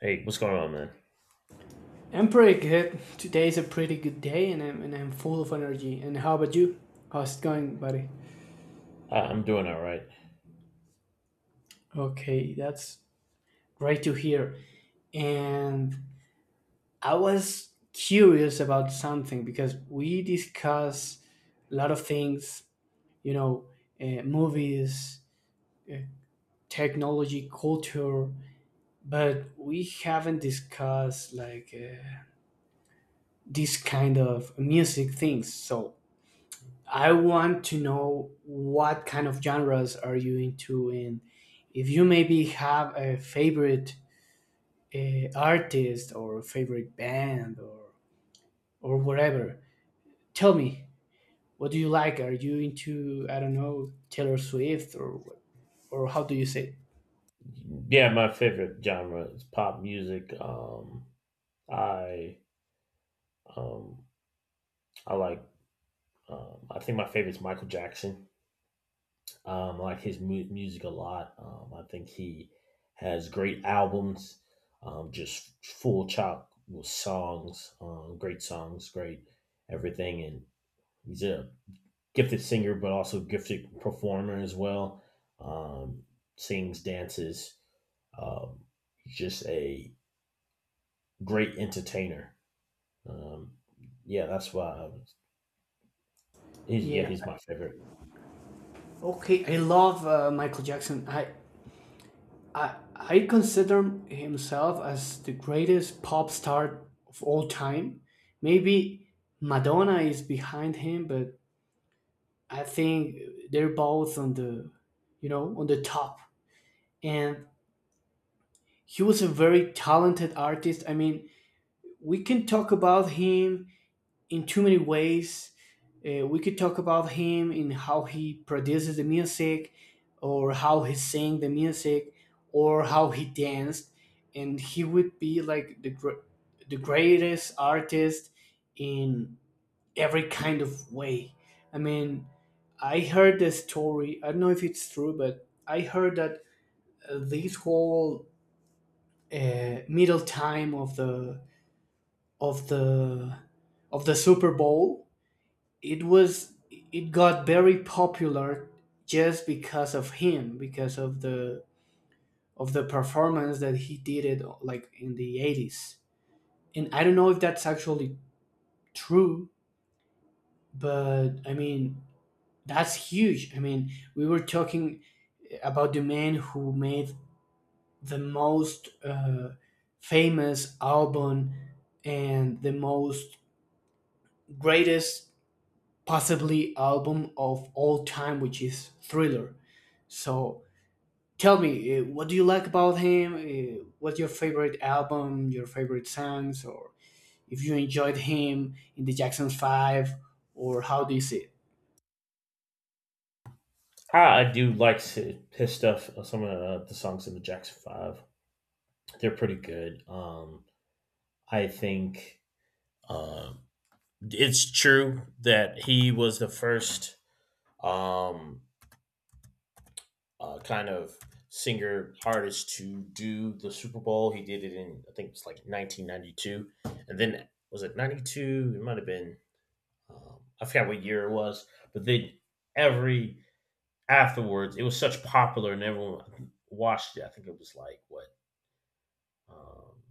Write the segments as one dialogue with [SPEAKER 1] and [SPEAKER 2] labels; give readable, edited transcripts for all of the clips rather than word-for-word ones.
[SPEAKER 1] Hey, what's going on, man?
[SPEAKER 2] I'm pretty good. Today's a pretty good day, and I'm full of energy. And how about you? How's it going, buddy?
[SPEAKER 1] I'm doing all right.
[SPEAKER 2] Okay, that's great to hear. And I was curious about something because we discuss a lot of things, you know, movies, uh, technology, culture, but we haven't discussed like this kind of music things. So I want to know what kind of genres are you into, and if you maybe have a favorite artist or favorite band or whatever. Tell me, what do you like? Are you into, I don't know, Taylor Swift, or how do you say?
[SPEAKER 1] Yeah, my favorite genre is pop music. I um, I like. I think my favorite is Michael Jackson. I like his music a lot. I think he has great albums, just full chop with songs, great songs, great everything. And he's a gifted singer, but also gifted performer as well. Um, Sings, dances, um, just a great entertainer. Um, yeah, that's why I was, he's
[SPEAKER 2] Yeah.
[SPEAKER 1] he's my favorite.
[SPEAKER 2] Okay, I love Michael Jackson. I consider himself as the greatest pop star of all time. Maybe Madonna is behind him, but I think they're both on on the top. And he was a very talented artist. I mean, we can talk about him in too many ways. We could talk about him in how he produces the music, or how he sang the music, or how he danced, and he would be like the greatest artist in every kind of way. I mean, I heard the story. I don't know if it's true, but I heard that this whole middle time of of the the Super Bowl, it got very popular just because of him, because of the performance that he did it like in the 80s. And I don't know if that's actually true, but I mean, that's huge. I mean, we were talking about the man who made the most famous album and the most greatest possibly album of all time, which is Thriller. So tell me, what do you like about him? What's your favorite album? Your favorite songs? Or if you enjoyed him in the Jackson Five, or how do you see it?
[SPEAKER 1] I do like his stuff. Some of the songs in the Jackson Five, they're pretty good. I think um, it's true that he was the first, um, kind of singer artist to do the Super Bowl. He did it in, I think, it's like 1992, and then was it 92? It might have been, um, I forgot what year it was, but they every afterwards it was such popular and everyone watched it. I think it was like what, um,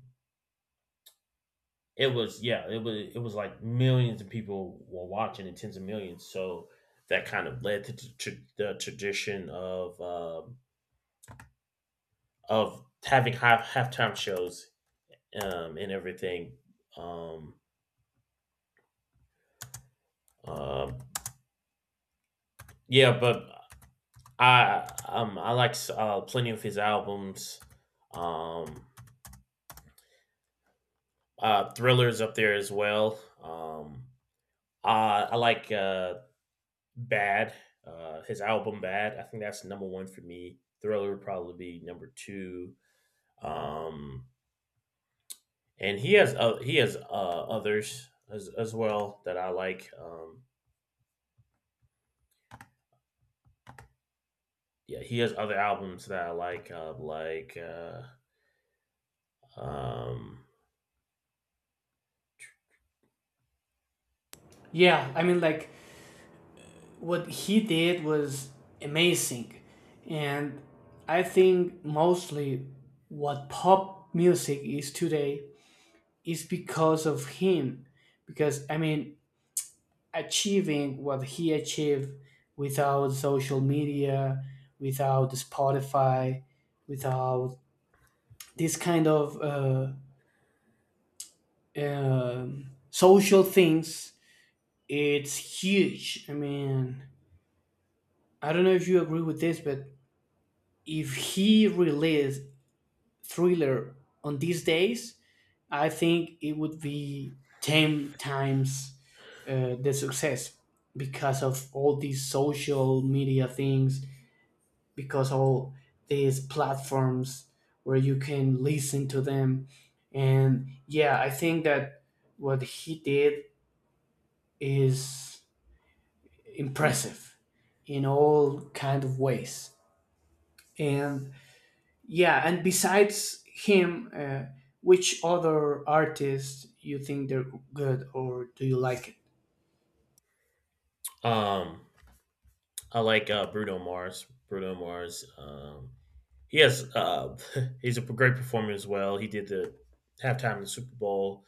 [SPEAKER 1] it was. Yeah, it was. It was like millions of people were watching and tens of millions. So that kind of led to to the tradition of, of having halftime shows and everything. Um, uh, yeah, but I, I like, plenty of his albums. Um, Thrillers up there as well. I like, Bad, his album Bad. I think that's number one for me. Thriller would probably be number two. Um, and he has others as well that I like. Yeah, he has other albums that I like, um,
[SPEAKER 2] Yeah, I mean, like, what he did was amazing, and I think mostly what pop music is today is because of him. Because I mean, achieving what he achieved without social media, without Spotify, without this kind of social things, it's huge. I mean, I don't know if you agree with this, but if he released Thriller on these days, I think it would be 10 times the success because of all these social media things, because all these platforms where you can listen to them. And yeah, I think that what he did is impressive in all kind of ways. And yeah, and besides him, which other artists you think they're good or do you like it?
[SPEAKER 1] um, I like, Bruno Mars. Bruno Mars. He has, he's a great performer as well. He did the halftime in the Super Bowl,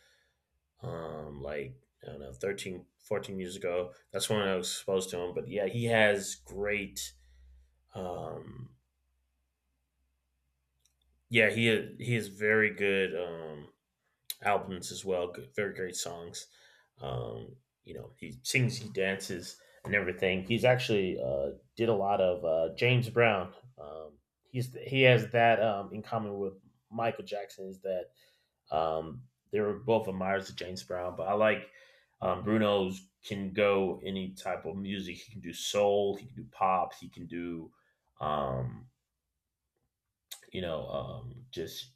[SPEAKER 1] like, I don't know, 13, 14 years ago. That's when I was exposed to him. But yeah, he has great. Um, yeah, he has very good, albums as well. Good, very great songs. Um, you know, he sings, he dances, and everything. He's actually, did a lot of, James Brown. He's he has that, in common with Michael Jackson is that, Um, they were both admirers of James Brown, but I like, Bruno's can go any type of music. He can do soul, he can do pop, he can do, um, just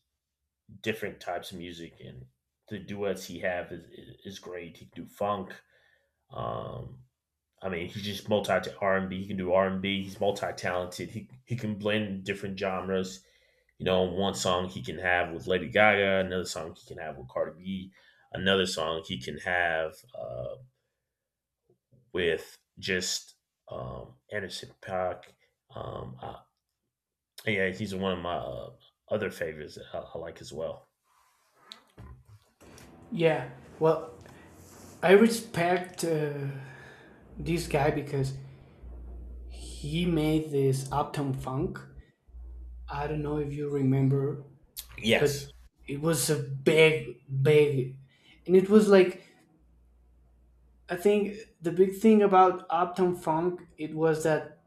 [SPEAKER 1] different types of music, and the duets he have is great. He can do funk. Um, I mean, he's just multi R and B. He can do R and B. He's multi talented. He can blend different genres. You know, one song he can have with Lady Gaga, another song he can have with Cardi B, another song he can have, with just Anderson Paak. Um, uh, yeah, he's one of my, other favorites that I like as well.
[SPEAKER 2] Yeah, well, I respect this guy because he made this Uptown Funk. I don't know if you remember, but
[SPEAKER 1] Yes.
[SPEAKER 2] it was a big, big, and it was like, I think the big thing about Uptown Funk it was that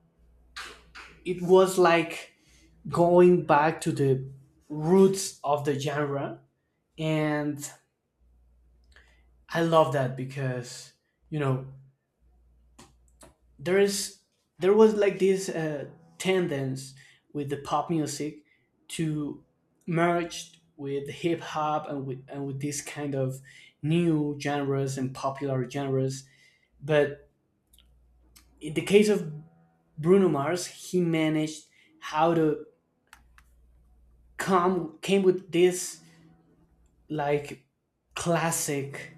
[SPEAKER 2] it was like going back to the roots of the genre, and I love that because, you know, there is there was like this tendency with the pop music to merge with hip hop and with this kind of new genres and popular genres. But in the case of Bruno Mars, he managed how to come came with this like classic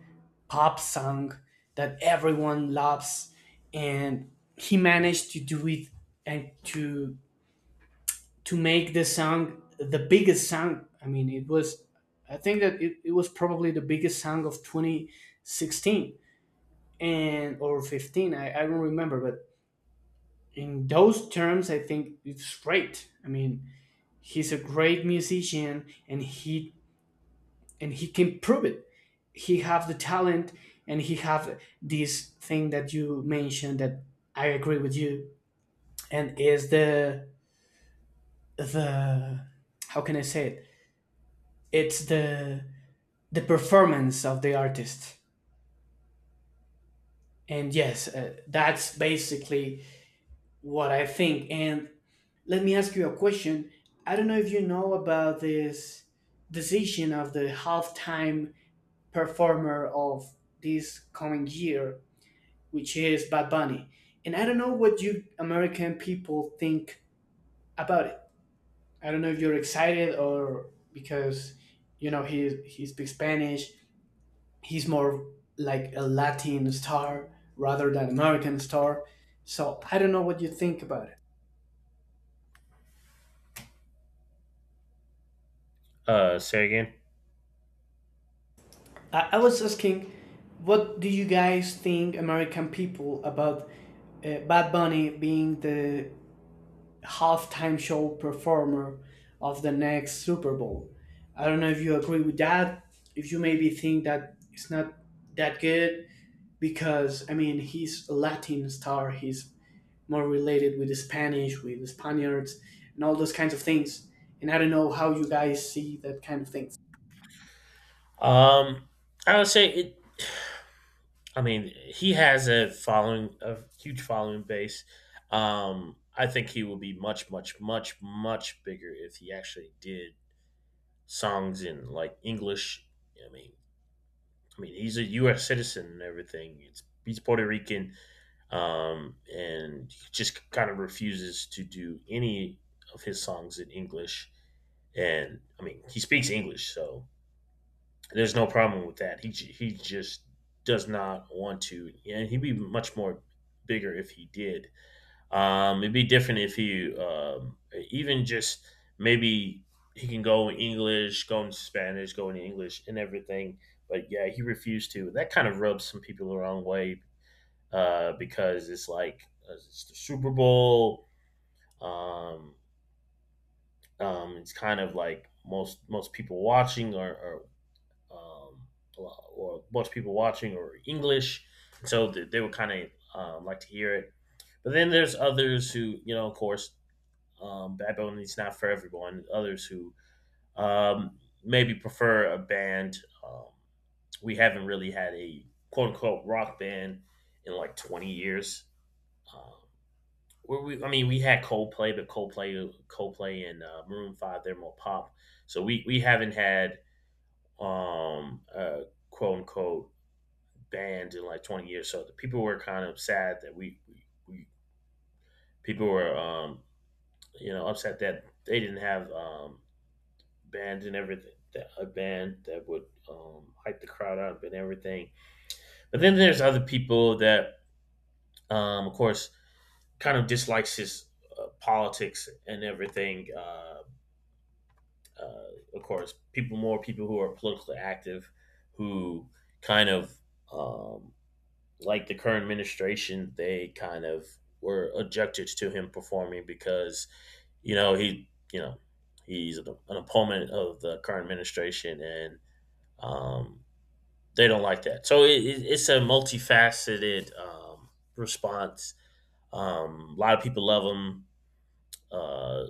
[SPEAKER 2] pop song that everyone loves, and he managed to do it and to make the song the biggest song. I mean, it was, I think that it was probably the biggest song of 2016 and or 15. I don't remember, but in those terms, I think it's great. I mean, he's a great musician, and he can prove it. He have the talent, and he have this thing that you mentioned that I agree with you, and is the how can I say it? It's the performance of the artist. And yes, that's basically what I think. And let me ask you a question. I don't know if you know about this decision of the halftime performer of this coming year, which is Bad Bunny. And I don't know what you American people think about it. I don't know if you're excited or, because, you know, he speaks Spanish. He's more like a Latin star rather than American star. So I don't know what you think about it.
[SPEAKER 1] Say again.
[SPEAKER 2] I was asking, what do you guys think, American people, about Bad Bunny being the halftime show performer of the next Super Bowl? I don't know if you agree with that. If you maybe think that it's not that good, because I mean, he's a Latin star. He's more related with the Spanish, with the Spaniards, and all those kinds of things. And I don't know how you guys see that kind of thing.
[SPEAKER 1] Um, I would say it. I mean, he has a following, a huge following base. I think he will be much, much, much, much bigger if he actually did songs in like English. I mean, I mean, he's a U.S. citizen and everything. It's he's Puerto Rican, and he just kind of refuses to do any of his songs in English. And I mean, he speaks English, so there's no problem with that. He just does not want to, and he'd be much more bigger if he did. It'd be different if he, even just maybe he can go in English, go in Spanish, go in English, and everything. But yeah, he refused to. That kind of rubs some people the wrong way, because it's like, it's the Super Bowl. Um, it's kind of like most people watching are or, um, or most people watching or English, so they would kind of, like to hear it. But then there's others who, you know, of course, bad Bunny is not for everyone. Others who, um, maybe prefer a band. Um, we haven't really had a quote unquote rock band in like 20 years. Um, where I mean, we had Coldplay, but Coldplay and, Maroon Five, they're more pop. So we haven't had, a quote unquote band in like 20 years. So the people were kind of sad that we people were, you know, upset that they didn't have, bands and everything that a band that would, hype the crowd up and everything. But then there's other people that, of course, kind of dislikes his, politics and everything. Of course, people more people who are politically active who kind of, um, like the current administration. They kind of were objected to him performing because you know he you know he's an opponent of the current administration and, um, they don't like that. So it's a multifaceted, response. A lot of people love him, uh,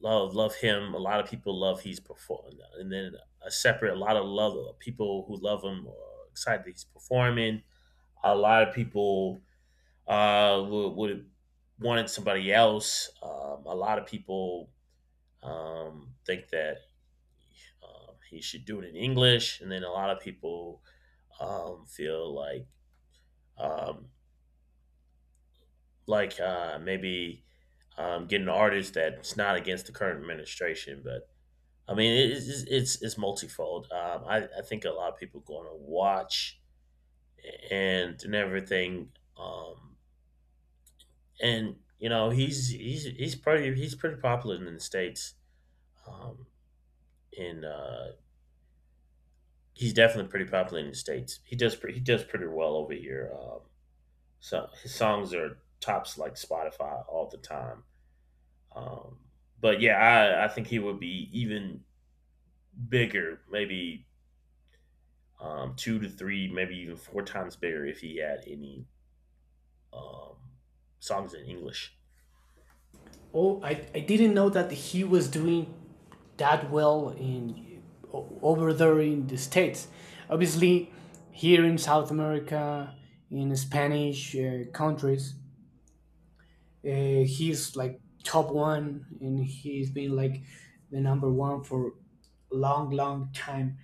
[SPEAKER 1] love him. A lot of people love he's performing, and then a separate a lot of love people who love him are excited that he's performing. A lot of people, would have wanted somebody else. A lot of people, think that, he should do it in English, and then a lot of people, feel like, um, maybe, getting an artist that's not against the current administration. But I mean, it's multifold. I think a lot of people going to watch and everything. And you know, he's pretty popular in the states. Um, in He's definitely pretty popular in the states. He does pretty well over here. So his songs are tops like Spotify all the time. Um, but yeah, I think he would be even bigger, maybe, two to three, maybe even four times bigger if he had any, um, songs in English.
[SPEAKER 2] Oh, I didn't know that he was doing that well in over there in the states. Obviously, here in South America, in Spanish countries, he's like top one, and he's been like the number one for a long, long time.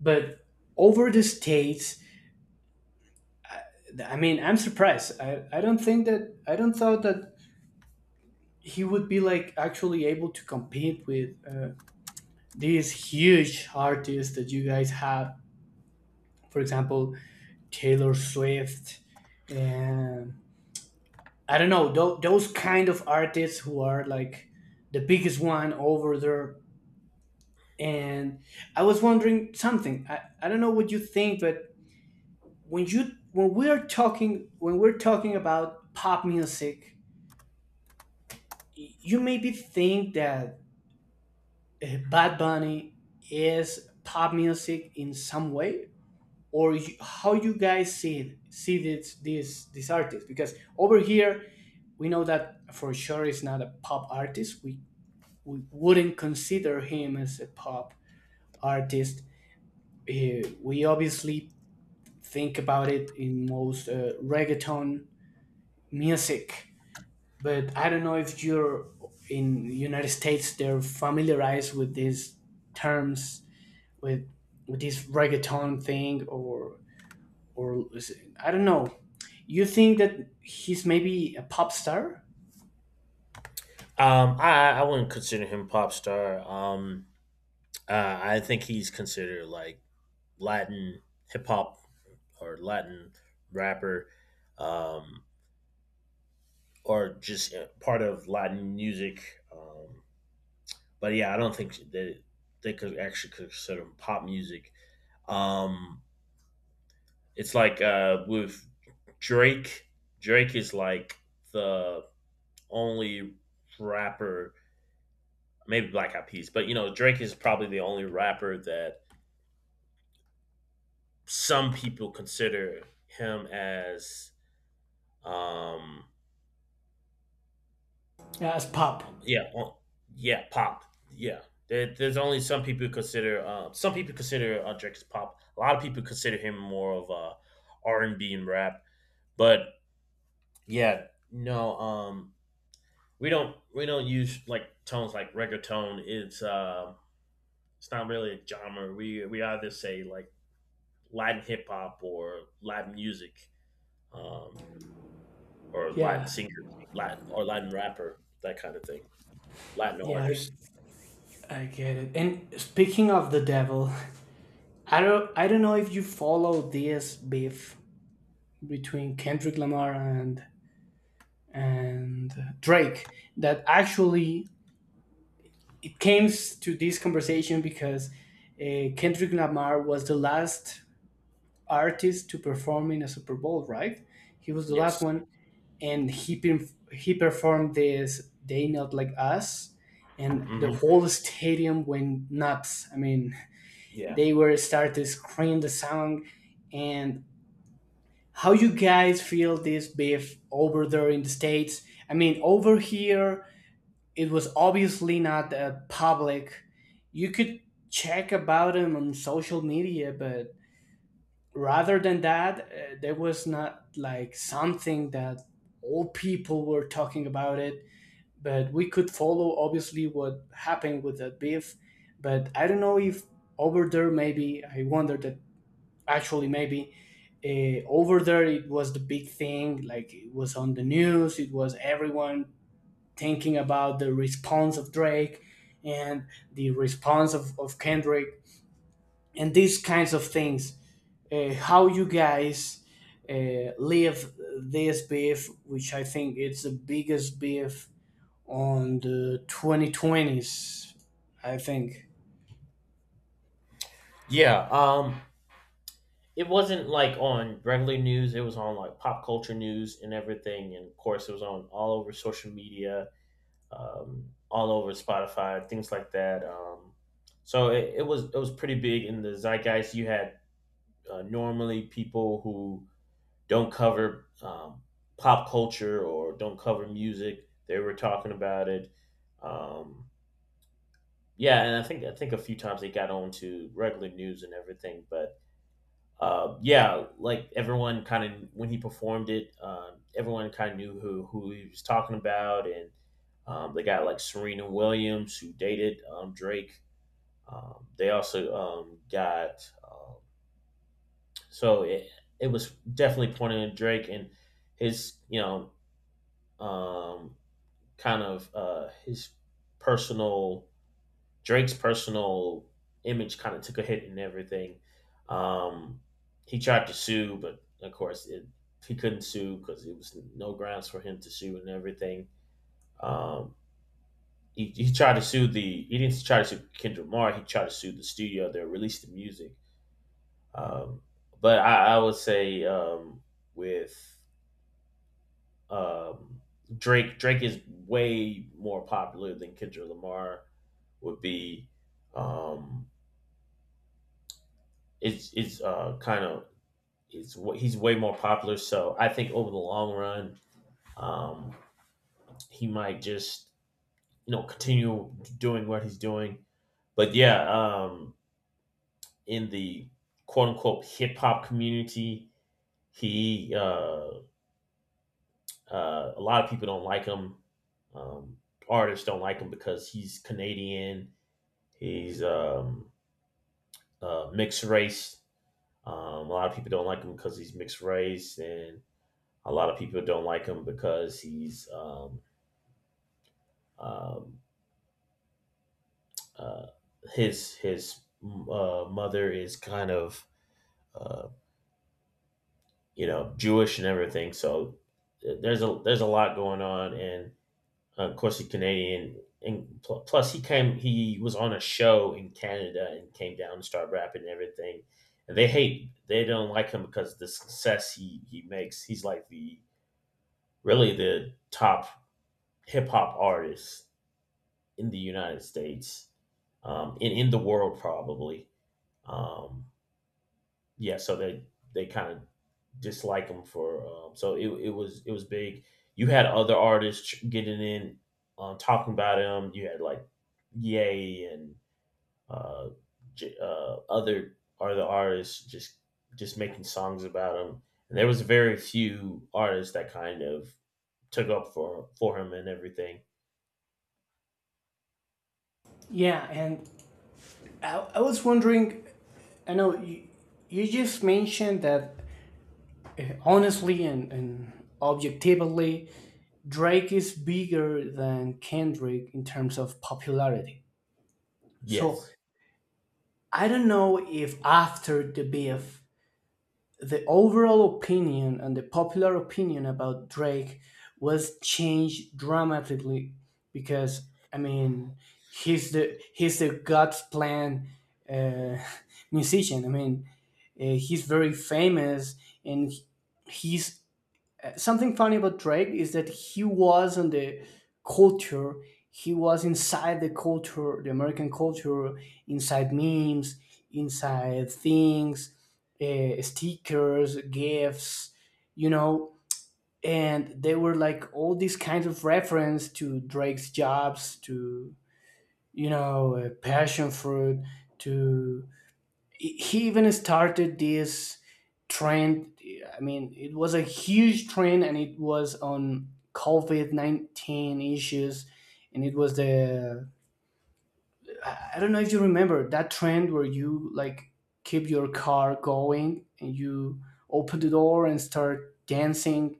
[SPEAKER 2] But over the states, I mean, I'm surprised. I don't think that, I don't thought that he would be like actually able to compete with. These huge artists that you guys have, for example, Taylor Swift, and I don't know, those kind of artists who are like the biggest one over there. And I was wondering something. I don't know what you think, but when we're talking about pop music, you maybe think that Bad Bunny is pop music in some way? Or you, how you guys see this artist? Because over here, we know that for sure is not a pop artist. We wouldn't consider him as a pop artist. We obviously think about it in most reggaeton music. But I don't know if you're in the United States they're familiarized with these terms, with this reggaeton thing, or I don't know. You think that he's maybe a pop star?
[SPEAKER 1] I wouldn't consider him pop star. I think he's considered like Latin hip hop or Latin rapper, um, or just, part of Latin music. But yeah, I don't think that they could actually consider him pop music. Um, It's like, with Drake. Drake is like the only rapper, maybe Black Eyed Peas, but you know Drake is probably the only rapper that some people consider him as, um
[SPEAKER 2] Yeah, as pop.
[SPEAKER 1] yeah, yeah pop, yeah. There's only some people who consider, some people consider Drake as pop. A lot of people consider him more of a R&B and B and rap, but yeah. no um we don't we don't use like tones like reggaeton. It's, it's not really a genre. We either say like Latin hip hop or Latin music, um, or Latin
[SPEAKER 2] Yeah,
[SPEAKER 1] singer, Latin or Latin rapper, that kind of thing. Latin
[SPEAKER 2] yeah, I,
[SPEAKER 1] artist.
[SPEAKER 2] I get it. And speaking of the devil, I don't know if you follow this beef between Kendrick Lamar and Drake. That actually it came to this conversation because Kendrick Lamar was the last artist to perform in a Super Bowl, right? He was the last
[SPEAKER 1] Yes.
[SPEAKER 2] one, and he performed this "They Not Like Us," and the
[SPEAKER 1] Hmm.
[SPEAKER 2] whole stadium went nuts. I mean,
[SPEAKER 1] Yeah.
[SPEAKER 2] they were started to scream the song. And how you guys feel this beef over there in the states? I mean, over here it was obviously not public. You could check about them on social media, but rather than that, there was not like something that all people were talking about it. But we could follow obviously what happened with that beef. But I don't know if over there, maybe I wonder that actually maybe over there it was the big thing, like it was on the news, it was everyone thinking about the response of Drake and the response of Kendrick, and these kinds of things. How you guys live this beef, which I think it's the biggest beef on the 2020s, I think.
[SPEAKER 1] Yeah. It wasn't like on regular news. It was on like pop culture news and everything, and of course it was on all over social media, all over Spotify, things like that. So it was pretty big in the zeitgeist. You had, normally people who don't cover, pop culture or don't cover music. They were talking about it. Um, yeah, and I think a few times they got on to regular news and everything, but, yeah, like everyone kind of when he performed it, everyone kind of knew who he was talking about, and, they got like Serena Williams who dated, Drake. They also got So it was definitely pointing at Drake and his, you know, um, his personal, Drake's personal image kind of took a hit and everything. Um, he tried to sue, but of course he couldn't sue because it was no grounds for him to sue and everything. Um, he tried to sue, the he didn't try to sue Kendrick Lamar. He tried to sue the studio that released the music. Um, but I would say, with um, Drake, Drake is way more popular than Kendrick Lamar would be. Um, it's kind of it's wa- He's way more popular. So I think over the long run, um, he might just you know continue doing what he's doing. But yeah, in the quote unquote hip hop community, he, a lot of people don't like him. Um, Artists don't like him because he's Canadian. He's, mixed race. A lot of people don't like him because he's mixed race, and a lot of people don't like him because he's um, uh, his mother is kind of uh, Jewish and everything. So there's a lot going on, and of course he's Canadian. And plus, he came he was on a show in Canada and came down and started rapping and everything. And they don't like him because of the success he makes. He's like the really the top hip hop artist in the United States, and in the world probably. Um, yeah, so they kind of dislike him for so it was big. You had other artists getting in, talking about him. You had like Yay and uh, other artists just making songs about him. And there was very few artists that kind of took up for him and everything.
[SPEAKER 2] Yeah, and I was wondering, I know you, you just mentioned that honestly and, objectively, Drake is bigger than Kendrick in terms of popularity. So
[SPEAKER 1] Yes.
[SPEAKER 2] I don't know if after the beef, the overall opinion and the popular opinion about Drake was changed dramatically, because I mean, he's the, God's plan uh, musician. I mean, he's very famous, and he's. Something funny about Drake is that he was on the culture. He was inside the culture, the American culture, inside memes, inside things, stickers, gifts, you know. And they were like all these kinds of reference to Drake's jobs, to, you know, passion fruit, to he even started this trend. I mean, it was a huge trend, and it was on COVID-19 issues, and it was the I don't know if you remember that trend where you like keep your car going and you open the door and start dancing,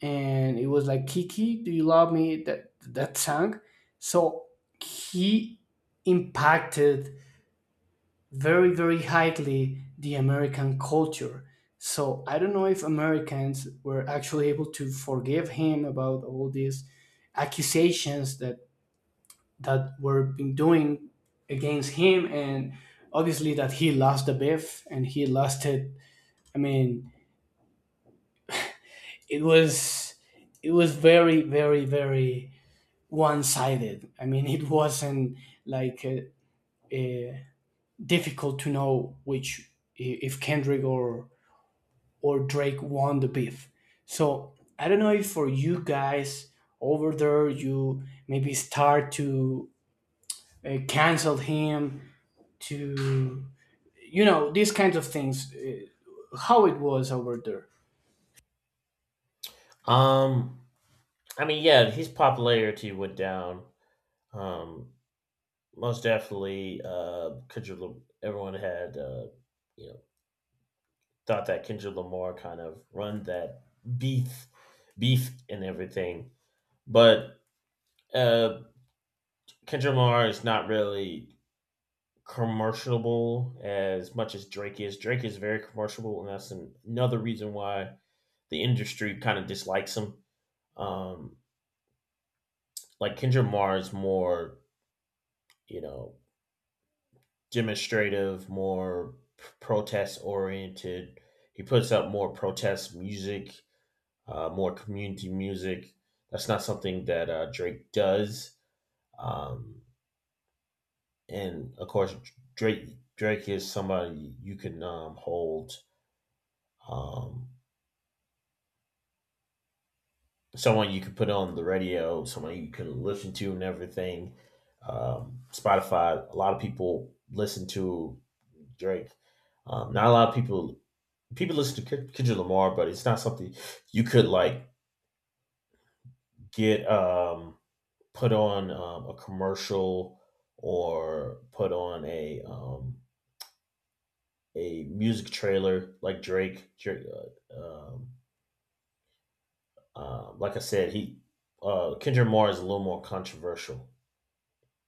[SPEAKER 2] and it was like, "Kiki, do you love me?" That song. So he impacted very, very highly the American culture. So I don't know if Americans were actually able to forgive him about all these accusations that were being doing against him, and obviously that he lost the beef, and he lost it. I mean, it was, very, very, very one sided. I mean, it wasn't like uh, difficult to know which, if Kendrick or Drake won the beef. So I don't know if for you guys over there, you maybe start to cancel him, to, you know, these kinds of things, how it was over there.
[SPEAKER 1] Um, I mean, yeah, his popularity went down. Um, most definitely. Kendrick. Everyone had, you know, thought that Kendrick Lamar kind of run that beef, beef and everything. But uh, Kendrick Lamar is not really commercialable as much as Drake is. Drake is very commercialable, and that's another reason why the industry kind of dislikes him. Um, like Kendrick Lamar is more, you know, demonstrative, more protest oriented. He puts up more protest music, more community music. That's not something that Drake does. Um, and of course, Drake is somebody you can hold, um, someone you can put on the radio, someone you can listen to, and everything. Spotify, a lot of people listen to Drake. Not a lot of people listen to Kendrick Lamar, but it's not something you could like get put on a commercial or put on a music trailer like Drake. Uh, um, like I said, he Kendrick Lamar is a little more controversial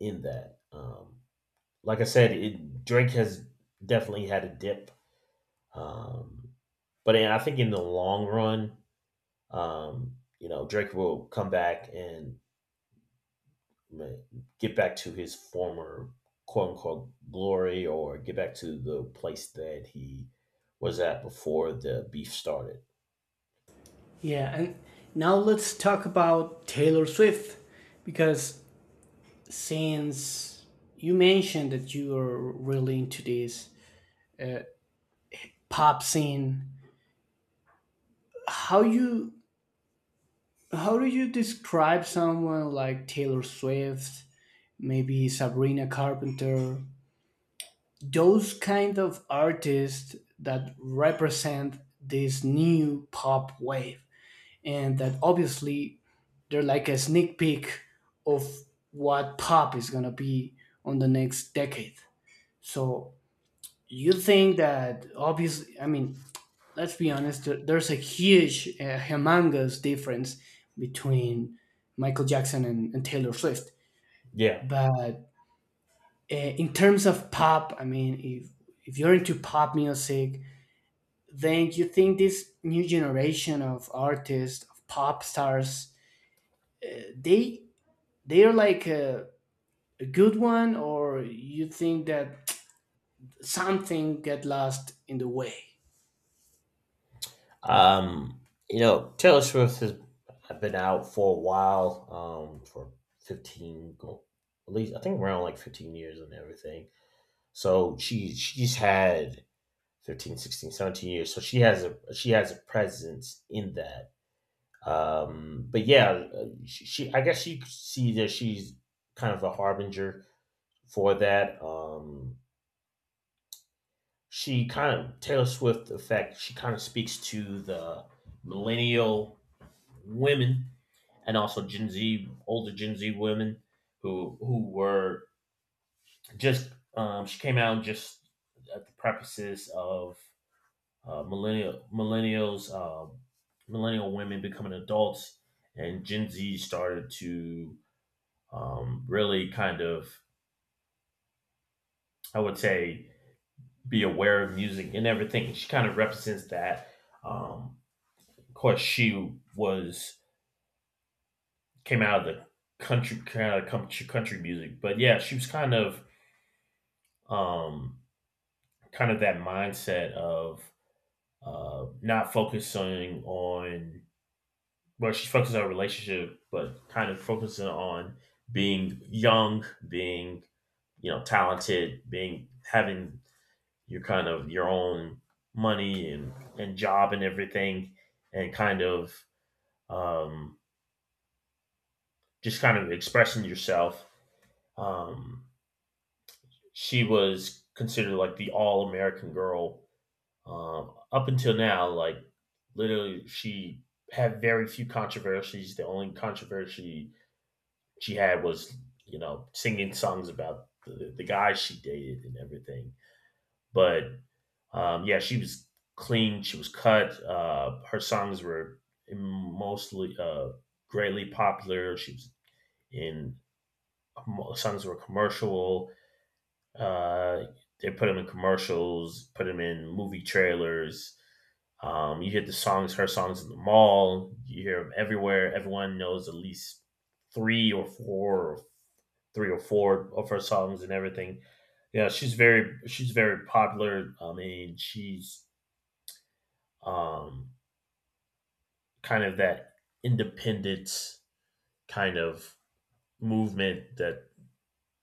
[SPEAKER 1] in that. Like I said, Drake has definitely had a dip, um, but I think in the long run, Drake will come back and like, get back to his former quote unquote glory, or get back to the place that he was at before the beef started.
[SPEAKER 2] Yeah, and now let's talk about Taylor Swift, because since you mentioned that you are really into this uh, pop scene, how you how do you describe someone like Taylor Swift, maybe Sabrina Carpenter, those kind of artists that represent this new pop wave, and that obviously they're like a sneak peek of what pop is going to be on the next decade? So you think that, obviously, I mean, let's be honest, there's a huge, humongous difference between Michael Jackson and, Taylor Swift.
[SPEAKER 1] Yeah.
[SPEAKER 2] But in terms of pop, I mean, if you're into pop music, then you think this new generation of artists, of pop stars, uh, they they are like a, good one? Or you think that something get lost in the way?
[SPEAKER 1] Um, Taylor Swift has been out for a while, for 15, at least I think around like 15 years and everything. So she's had 15, 16, 17 years. So she has a presence in that. But yeah, she, I guess you could see that she's kind of a harbinger for that. She kind of Taylor Swift effect. She kind of speaks to the millennial women and also Gen Z, older Gen Z women who were just she came out just at the prefaces of millennials, millennial women becoming adults, and Gen Z started to really kind of, I would say, be aware of music and everything. She kind of represents that. Um, of course, she was came out of the country kind of country country music, but yeah, she was um, kind of that mindset of not focusing on she focuses on relationship, but kind of focusing on being young, being talented, being having your kind of your own money and job and everything, and kind of um, just kind of expressing yourself. Um, she was considered like the all American girl up until now. Like literally, she had very few controversies. The only controversy she had was singing songs about the guys she dated and everything. But yeah, she was clean. She was cut. Her songs were mostly greatly popular. She was in songs were commercial. Uh, they put them in commercials, put them in movie trailers. You hear the songs, her songs in the mall. You hear them everywhere. Everyone knows at least three or four, or three or four of her songs and everything. Yeah, she's very popular. I mean, she's um, kind of that independence kind of movement that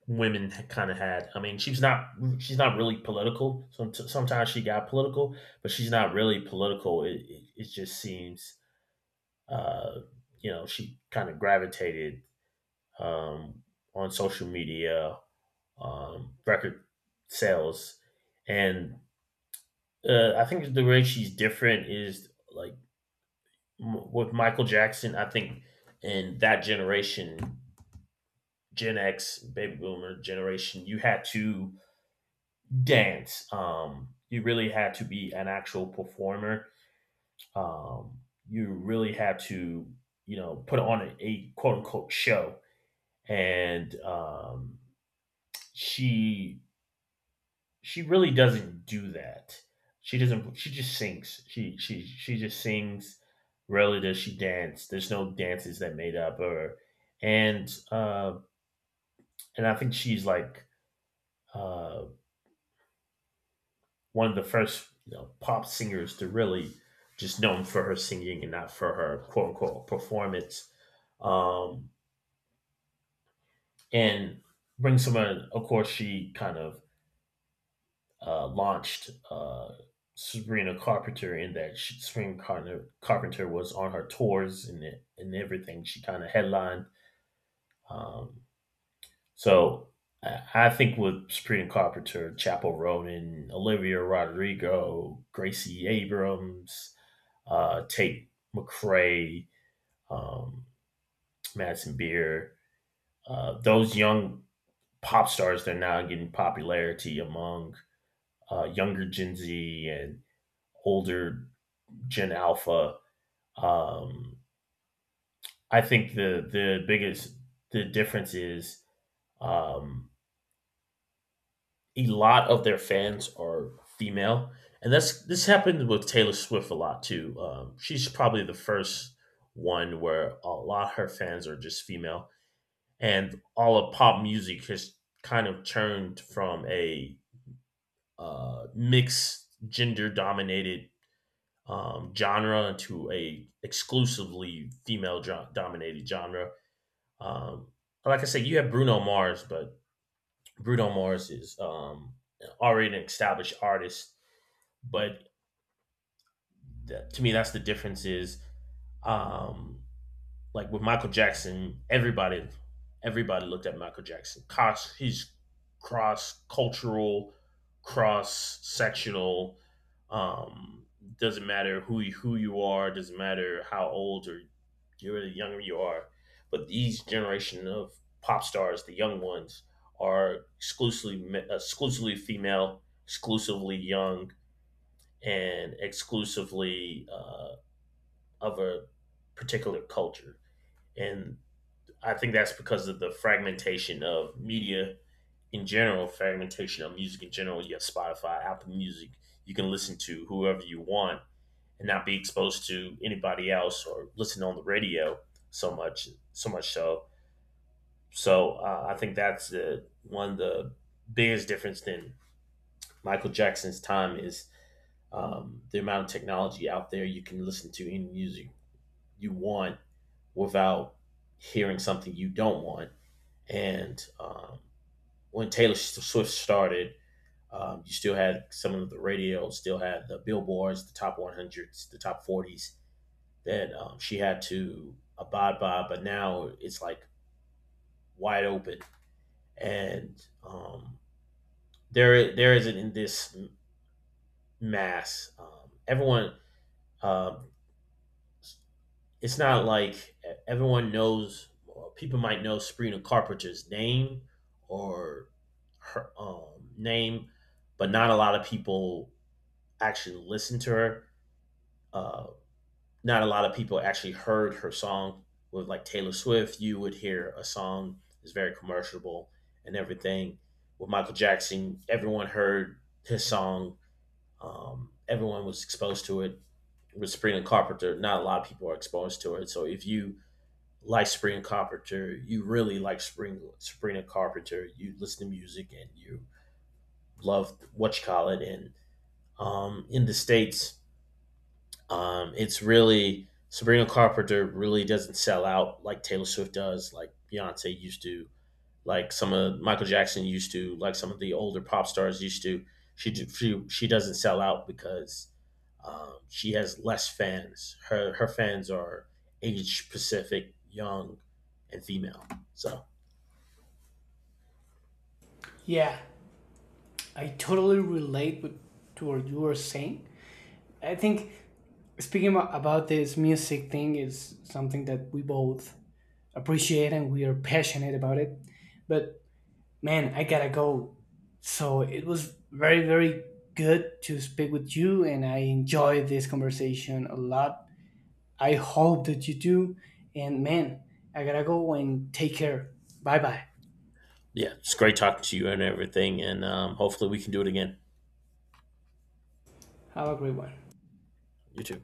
[SPEAKER 1] women kind of had. I mean, she's not really political. So sometimes she got political, but she's not really political. It just seems uh, she kind of gravitated um, on social media, record sales, and I think the way she's different is like with Michael Jackson. I think in that generation Gen X, baby boomer generation, you had to dance. You really had to be an actual performer. Um, you really had to, you know, put on a quote unquote show. And she she really doesn't do that. She doesn't. She just sings. She just sings. Rarely does she dance. There's no dances that made up her, and uh, and I think she's like uh, one of the first pop singers to really just known for her singing and not for her quote unquote performance. Um, and Bring Someone, of course, she kind of launched Sabrina Carpenter in that Sabrina Carpenter was on her tours and everything. She kind of headlined. Um, so I, I think with Sabrina Carpenter, Chapel Ronan, Olivia Rodrigo, Gracie Abrams, Tate McRae, um, Madison Beer, those young pop stars that are now getting popularity among younger Gen Z and older Gen Alpha. Um, I think the biggest, the difference is um, a lot of their fans are female, and that's this happened with Taylor Swift a lot too. She's probably the first one where a lot of her fans are just female, and all of pop music has kind of turned from a mixed gender dominated genre to a exclusively female dominated genre. Um, like I said, you have Bruno Mars, but Bruno Mars is already an established artist. But to me, that's the difference is um, like with Michael Jackson, everybody looked at Michael Jackson. Cos he's cross cultural, cross sectional. Um, doesn't matter who you are. Doesn't matter how old, or you're the younger you are. But these generation of pop stars, the young ones, are exclusively female, exclusively young, and exclusively of a particular culture. And I think that's because of the fragmentation of media in general, fragmentation of music in general. You have Spotify, Apple Music. You can listen to whoever you want and not be exposed to anybody else, or listen on the radio so much, so much so. So I think that's one of the biggest difference than Michael Jackson's time is the amount of technology out there. You can listen to any music you want without hearing something you don't want. And when Taylor Swift started, you still had some of the radio, still had the billboards, the top 100s, the top 40s that she had to abide by. But now it's like wide open, and there isn't in this mass. Um, it's not like everyone knows. Well, people might know Sabrina Carpenter's name or her name, but not a lot of people actually listened to her. Uh, not a lot of people actually heard her song. With like Taylor Swift, you would hear a song is very commercial and everything. With Michael Jackson, everyone heard his song. Everyone was exposed to it. With Sabrina Carpenter, not a lot of people are exposed to it. So if you like Sabrina Carpenter, you really like Sabrina Carpenter, you listen to music and you love what you call it. And in the States, it's really Sabrina Carpenter really doesn't sell out like Taylor Swift does, like Beyonce used to, like some of Michael Jackson used to, like some of the older pop stars used to. She doesn't sell out because she has less fans. Her fans are age specific, young, and female. So
[SPEAKER 2] Yeah, I totally relate with to what you were saying. I think speaking about this music thing is something that we both appreciate and we are passionate about it. But man, I gotta go. So it was very, very good to speak with you, and I enjoyed this conversation a lot. I hope that you do. And man, I gotta go, and take care. Bye bye.
[SPEAKER 1] yeah, it's great talking to you and everything, and hopefully we can do it again.
[SPEAKER 2] Have a great one.
[SPEAKER 1] You too.